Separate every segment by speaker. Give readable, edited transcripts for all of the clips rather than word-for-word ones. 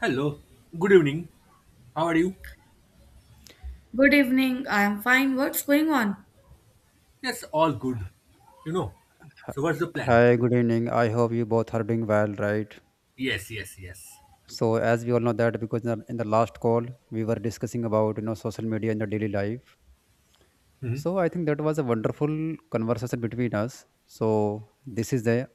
Speaker 1: Hello, good evening. How are you?
Speaker 2: Good evening. I am fine. What's going on?
Speaker 1: Yes, all good. You know,
Speaker 3: Hi,
Speaker 1: so what's the plan?
Speaker 3: hi, good evening. I hope you both are doing well, right?
Speaker 1: Yes, yes, yes.
Speaker 3: So, as we all know that because in the last call we were discussing about social media in the daily life.
Speaker 1: Hmm.
Speaker 3: So, I think that was a wonderful conversation between us. So, this is the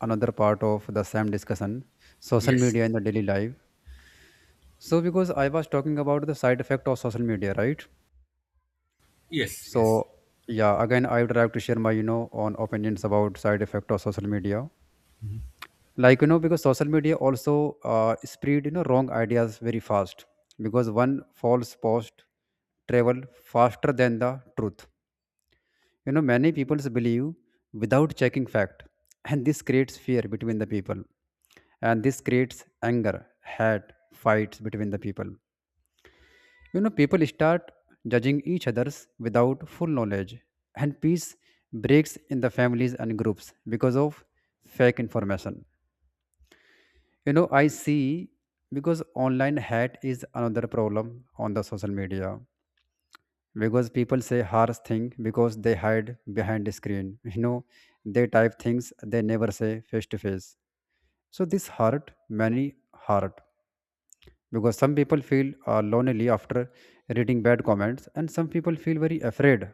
Speaker 3: another part of the same discussion, social
Speaker 1: Yes,
Speaker 3: media in the daily life. So, because I was talking about the side effect of social media, right?
Speaker 1: yes, yes.
Speaker 3: So, yeah, again, I would like to share my on opinions about side effect of social media. Like because social media also spread wrong ideas very fast, because one false post travel faster than the truth. Many people believe without checking fact, and this creates fear between the people, and this creates anger, hate, fights between the people. People start judging each others without full knowledge, and peace breaks in the families and groups because of fake information. I see, because online hate is another problem on the social media, because people say harsh thing because they hide behind the screen. They type things they never say face to face, so this hurt many hurt, because some people feel lonely after reading bad comments, and some people feel very afraid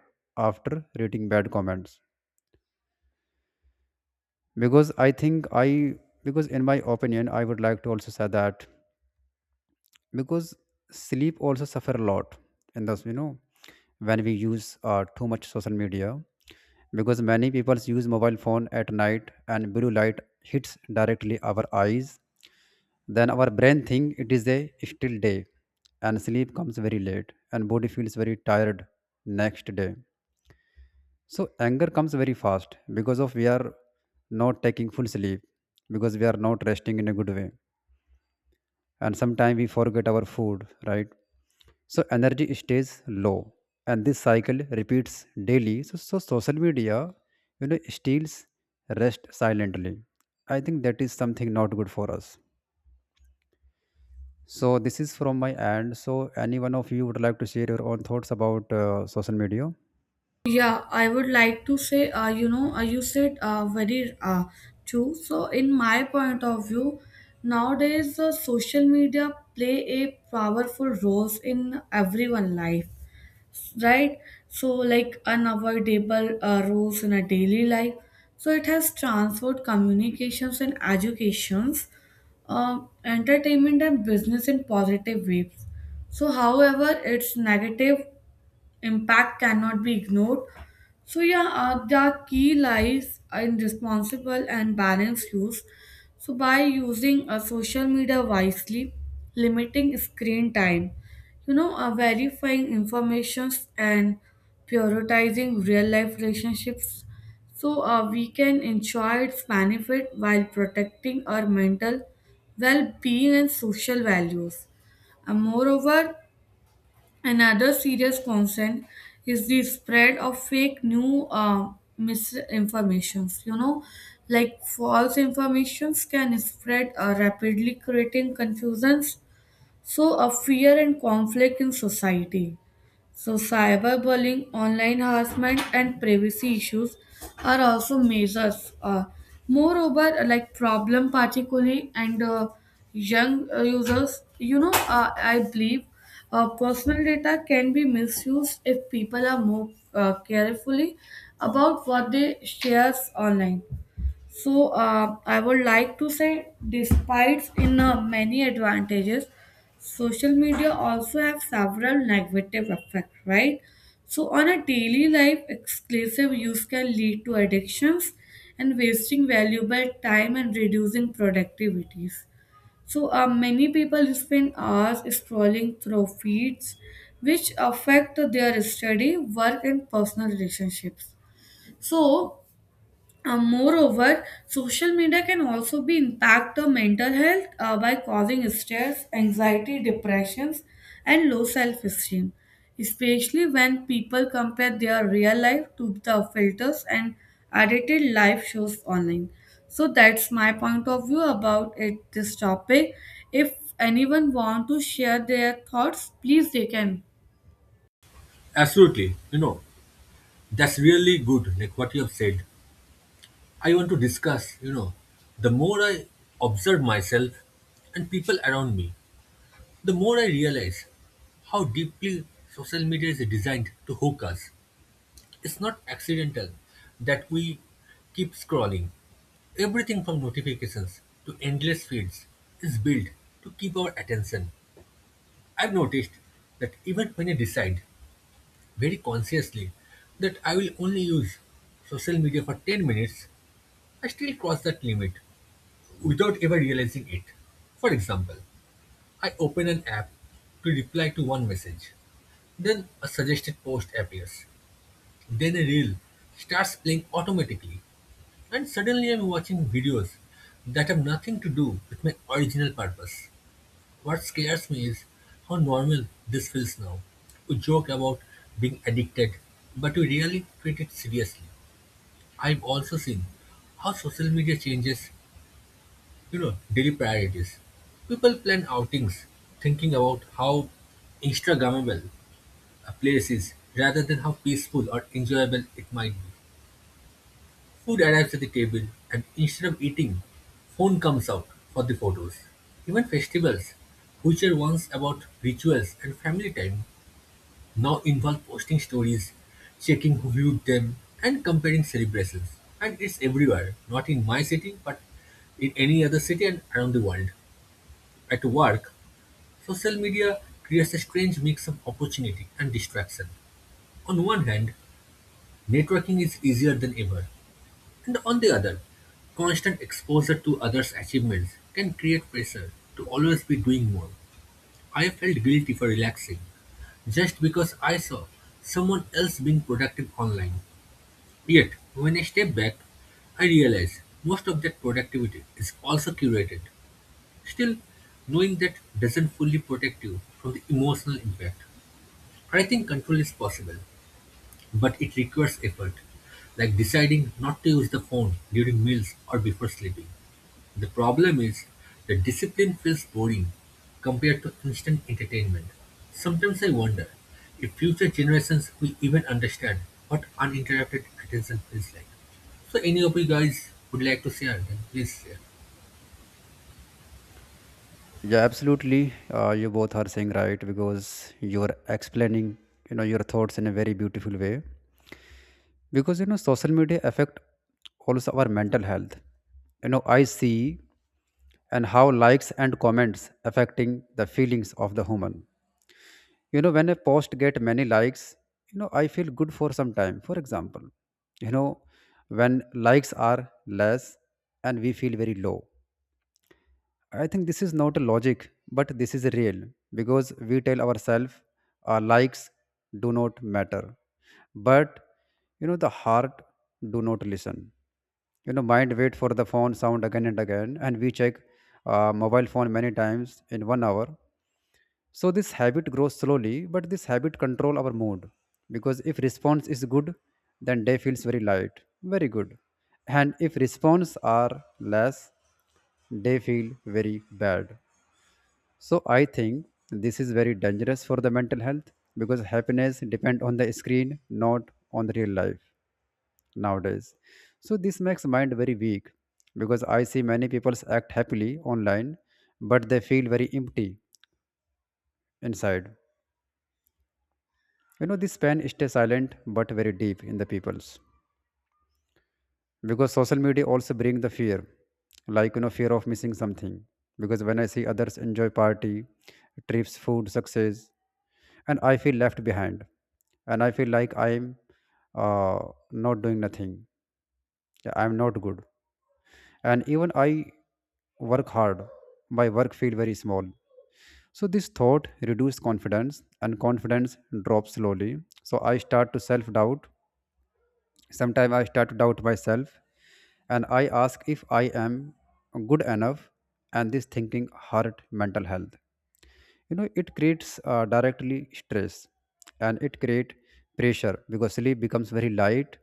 Speaker 3: after reading bad comments. because i think i because in my opinion, I would like to also say that because sleep also suffer a lot. And thus, when we use too much social media, because many people use mobile phone at night, and blue light hits directly our eyes, then our brain think it is a still day, and sleep comes very late and body feels very tired next day. So anger comes very fast because of we are not taking full sleep, because we are not resting in a good way. And sometimes we forget our food, right? So energy stays low, and this cycle repeats daily. So social media, steals rest silently. I think that is something not good for us. So this is from my end. So any one of you would like to share your own thoughts about social media?
Speaker 2: Yeah, I would like to say, you said very true. So, in my point of view, nowadays social media play a powerful role in everyone life, right? So, like unavoidable roles in a daily life. So, it has transformed communications and educations, uh, entertainment and business in positive ways. So, however, its negative impact cannot be ignored. So yeah, the key lies in responsible and balanced use. So by using social media wisely, limiting screen time, verifying informations and prioritizing real life relationships, so we can enjoy its benefit while protecting our mental well-being and social values. And moreover, another serious concern is the spread of fake new misinformations. You know, like false informations can spread rapidly, creating confusions, so a fear and conflict in society. So, cyberbullying, online harassment, and privacy issues are also measures. Moreover, like problem, particularly and young users, I believe personal data can be misused if people are more carefully about what they shares online. So I would like to say, despite in many advantages, social media also have several negative effects, right? So on a daily life, exclusive use can lead to addictions and wasting valuable time and reducing productivities. So many people spend hours scrolling through feeds, which affect their study, work, and personal relationships. So moreover, social media can also be impact the mental health by causing stress, anxiety, depressions, and low self-esteem, especially when people compare their real life to the filters and edited live shows online. So that's my point of view about it, this topic. If anyone want to share their thoughts, please they can.
Speaker 1: Absolutely. You know, that's really good, like what you have said. I want to discuss, you know, the more I observe myself and people around me, the more I realize how deeply social media is designed to hook us. It's not accidental that we keep scrolling. Everything from notifications to endless feeds is built to keep our attention. I've noticed that even when I decide very consciously that I will only use social media for 10 minutes, I still cross that limit without ever realizing it. For example, I open an app to reply to one message. Then a suggested post appears. Then a reel starts playing automatically. And suddenly I'm watching videos that have nothing to do with my original purpose. What scares me is how normal this feels now. We joke about being addicted, but we really treat it seriously. I've also seen how social media changes, you know, daily priorities. People plan outings thinking about how Instagrammable a place is rather than how peaceful or enjoyable it might be. Food arrives at the table, and instead of eating, phone comes out for the photos. Even festivals, which were once about rituals and family time, now involve posting stories, checking who viewed them, and comparing celebrations. And it's everywhere, not in my city, but in any other city and around the world. At work, social media creates a strange mix of opportunity and distraction. On one hand, networking is easier than ever. And on the other, constant exposure to others' achievements can create pressure to always be doing more. I felt guilty for relaxing just because I saw someone else being productive online. Yet, when I step back, I realize most of that productivity is also curated. Still, knowing that doesn't fully protect you from the emotional impact. I think control is possible, but it requires effort, like deciding not to use the phone during meals or before sleeping. The problem is, the discipline feels boring compared to instant entertainment. Sometimes I wonder if future generations will even understand what uninterrupted attention feels like. So any of you guys would like to share, then please share.
Speaker 3: Yeah, absolutely, you both are saying right, because you are explaining your thoughts in a very beautiful way. Because social media affect also our mental health. I see, and how likes and comments affecting the feelings of the human. When a post get many likes, I feel good for some time, for example. you know when likes are less, and we feel very low. I think this is not a logic, but this is real, because we tell ourselves our likes do not matter. But the heart do not listen. Mind wait for the phone sound again and again, and we check mobile phone many times in 1 hour, so this habit grows slowly, but this habit control our mood. Because if response is good, then day feels very light, very good. And if response are less, day feel very bad. So I think this is very dangerous for the mental health, because happiness depend on the screen, not on the real life nowadays. So this makes mind very weak, because I see many people act happily online, but they feel very empty inside. This pain stays silent but very deep in the people's, because social media also bring the fear, like fear of missing something. Because when I see others enjoy party, trips, food, success, and I feel left behind, and I feel like I'm uh, not doing nothing. Yeah, I'm not good, and even I work hard, my work feel very small. So this thought reduces confidence, and confidence drops slowly. So I start to self doubt. Sometimes I start to doubt myself, and I ask if I am good enough, and this thinking hurt mental health. It creates directly stress, and it create pressure because sleep becomes very light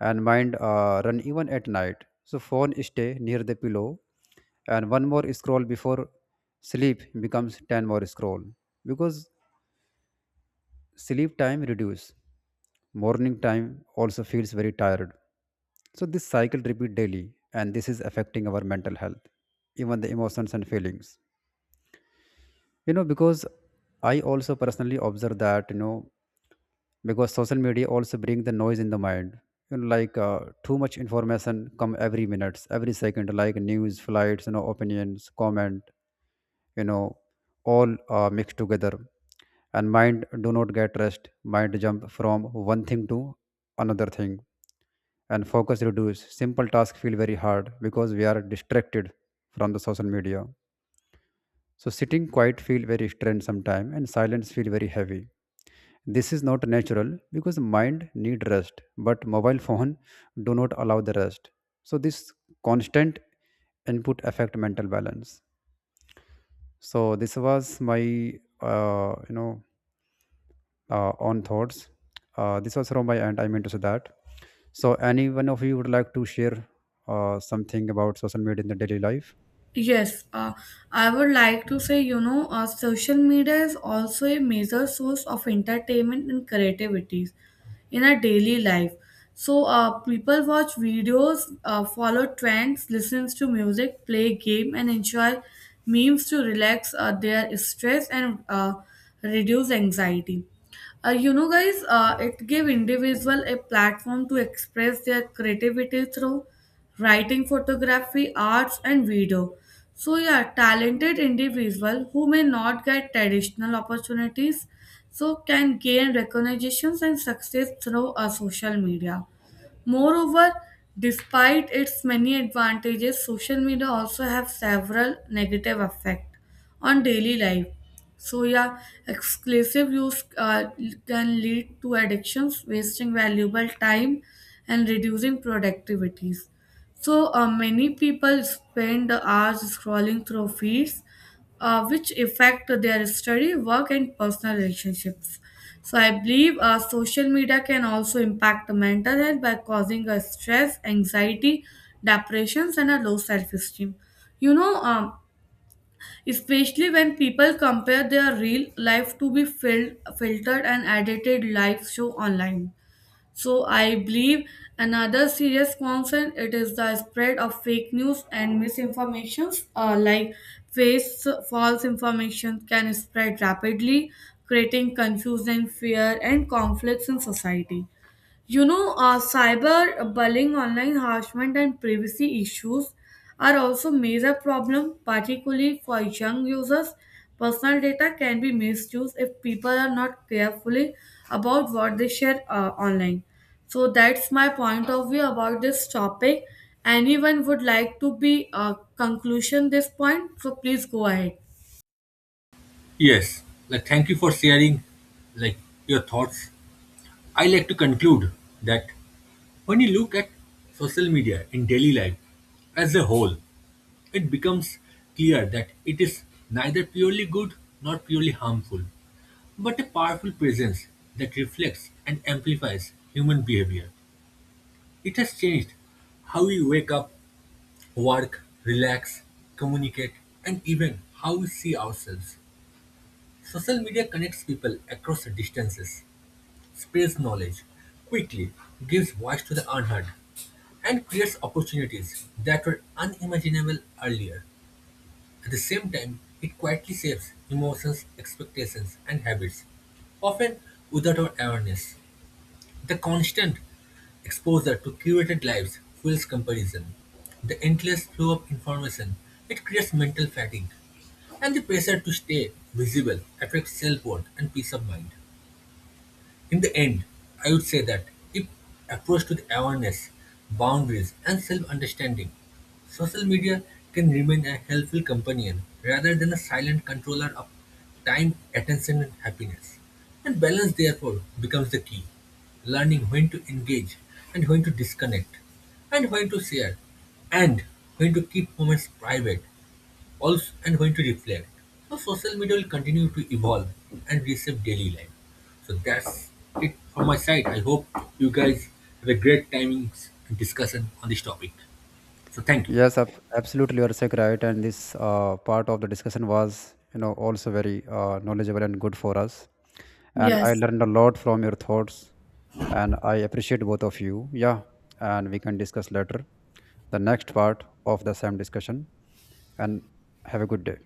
Speaker 3: and mind run even at night. So phone stay near the pillow, and one more scroll before sleep becomes 10 more scroll, because Sleep time reduce. Morning time also feels very tired. So this cycle repeat daily, and this is affecting our mental health, even the emotions and feelings. Because I also personally observe that, because social media also bring the noise in the mind. Like too much information come every minutes, every second, like news, flights, opinions, comment. you know all mixed together, and mind do not get rest, mind jump from one thing to another thing, and focus reduce, simple task feel very hard because we are distracted from the social media. So sitting quiet feel very strained sometime, and silence feel very heavy. This is not natural because mind need rest, but mobile phone do not allow the rest. So this constant input affect mental balance. So this was my uh, you know on thoughts. This was from my end. I meant to say that. So, any one of you would like to share something about social media in the daily life?
Speaker 2: Yes, I would like to say, social media is also a major source of entertainment and creativities in our daily life. So, people watch videos, follow trends, listens to music, play game, and enjoy memes to relax their stress and reduce anxiety. You know, guys, it give individual a platform to express their creativity through writing, photography, arts, and video. So, yeah, talented individual who may not get traditional opportunities so can gain recognitions and success through a social media. Moreover, despite its many advantages, social media also have several negative effect on daily life. So yeah, exclusive use can lead to addictions, wasting valuable time, and reducing productivities. So many people spend hours scrolling through feeds, which affect their study, work, and personal relationships. So I believe social media can also impact the mental health by causing a stress, anxiety, depressions, and a low self-esteem. You know, um, Especially when people compare their real life to be filtered and edited life show online. So I believe another serious concern it is the spread of fake news and misinformations like face false information can spread rapidly, creating confusion, fear and conflicts in society. Cyber bullying, online harassment, and privacy issues are also major problem, particularly for young users. Personal data can be misused if people are not carefully about what they share online. So that's my point of view about this topic. Anyone would like to be conclusion this point? So please go ahead.
Speaker 1: Yes, like thank you for sharing, like your thoughts. I like to conclude that when you look at social media in daily life as a whole, it becomes clear that it is neither purely good nor purely harmful, but a powerful presence that reflects and amplifies human behavior. It has changed how we wake up, work, relax, communicate, and even how we see ourselves. Social media connects people across distances, spreads knowledge quickly, gives voice to the unheard, and creates opportunities that were unimaginable earlier. At the same time, it quietly shapes emotions, expectations, and habits, often without our awareness. The constant exposure to curated lives fuels comparison. The endless flow of information, it creates mental fatigue. And the pressure to stay visible affects self-worth and peace of mind. In the end, I would say that if approached with awareness, boundaries, and self understanding, social media can remain a helpful companion rather than a silent controller of time, attention, and happiness. And balance, therefore, becomes the key. Learning when to engage and when to disconnect, and when to share, and when to keep moments private also, and when to reflect. So social media will continue to evolve and reshape daily life. So that's it from my side. I hope you guys have a great timings and discussion on this topic. So thank you.
Speaker 3: Yes, absolutely. You are so right. And this part of the discussion was, also very knowledgeable and good for us. And I
Speaker 2: Yes.
Speaker 3: learned a lot from your thoughts, and I appreciate both of you. Yeah, and we can discuss later the next part of the same discussion. And have a good day.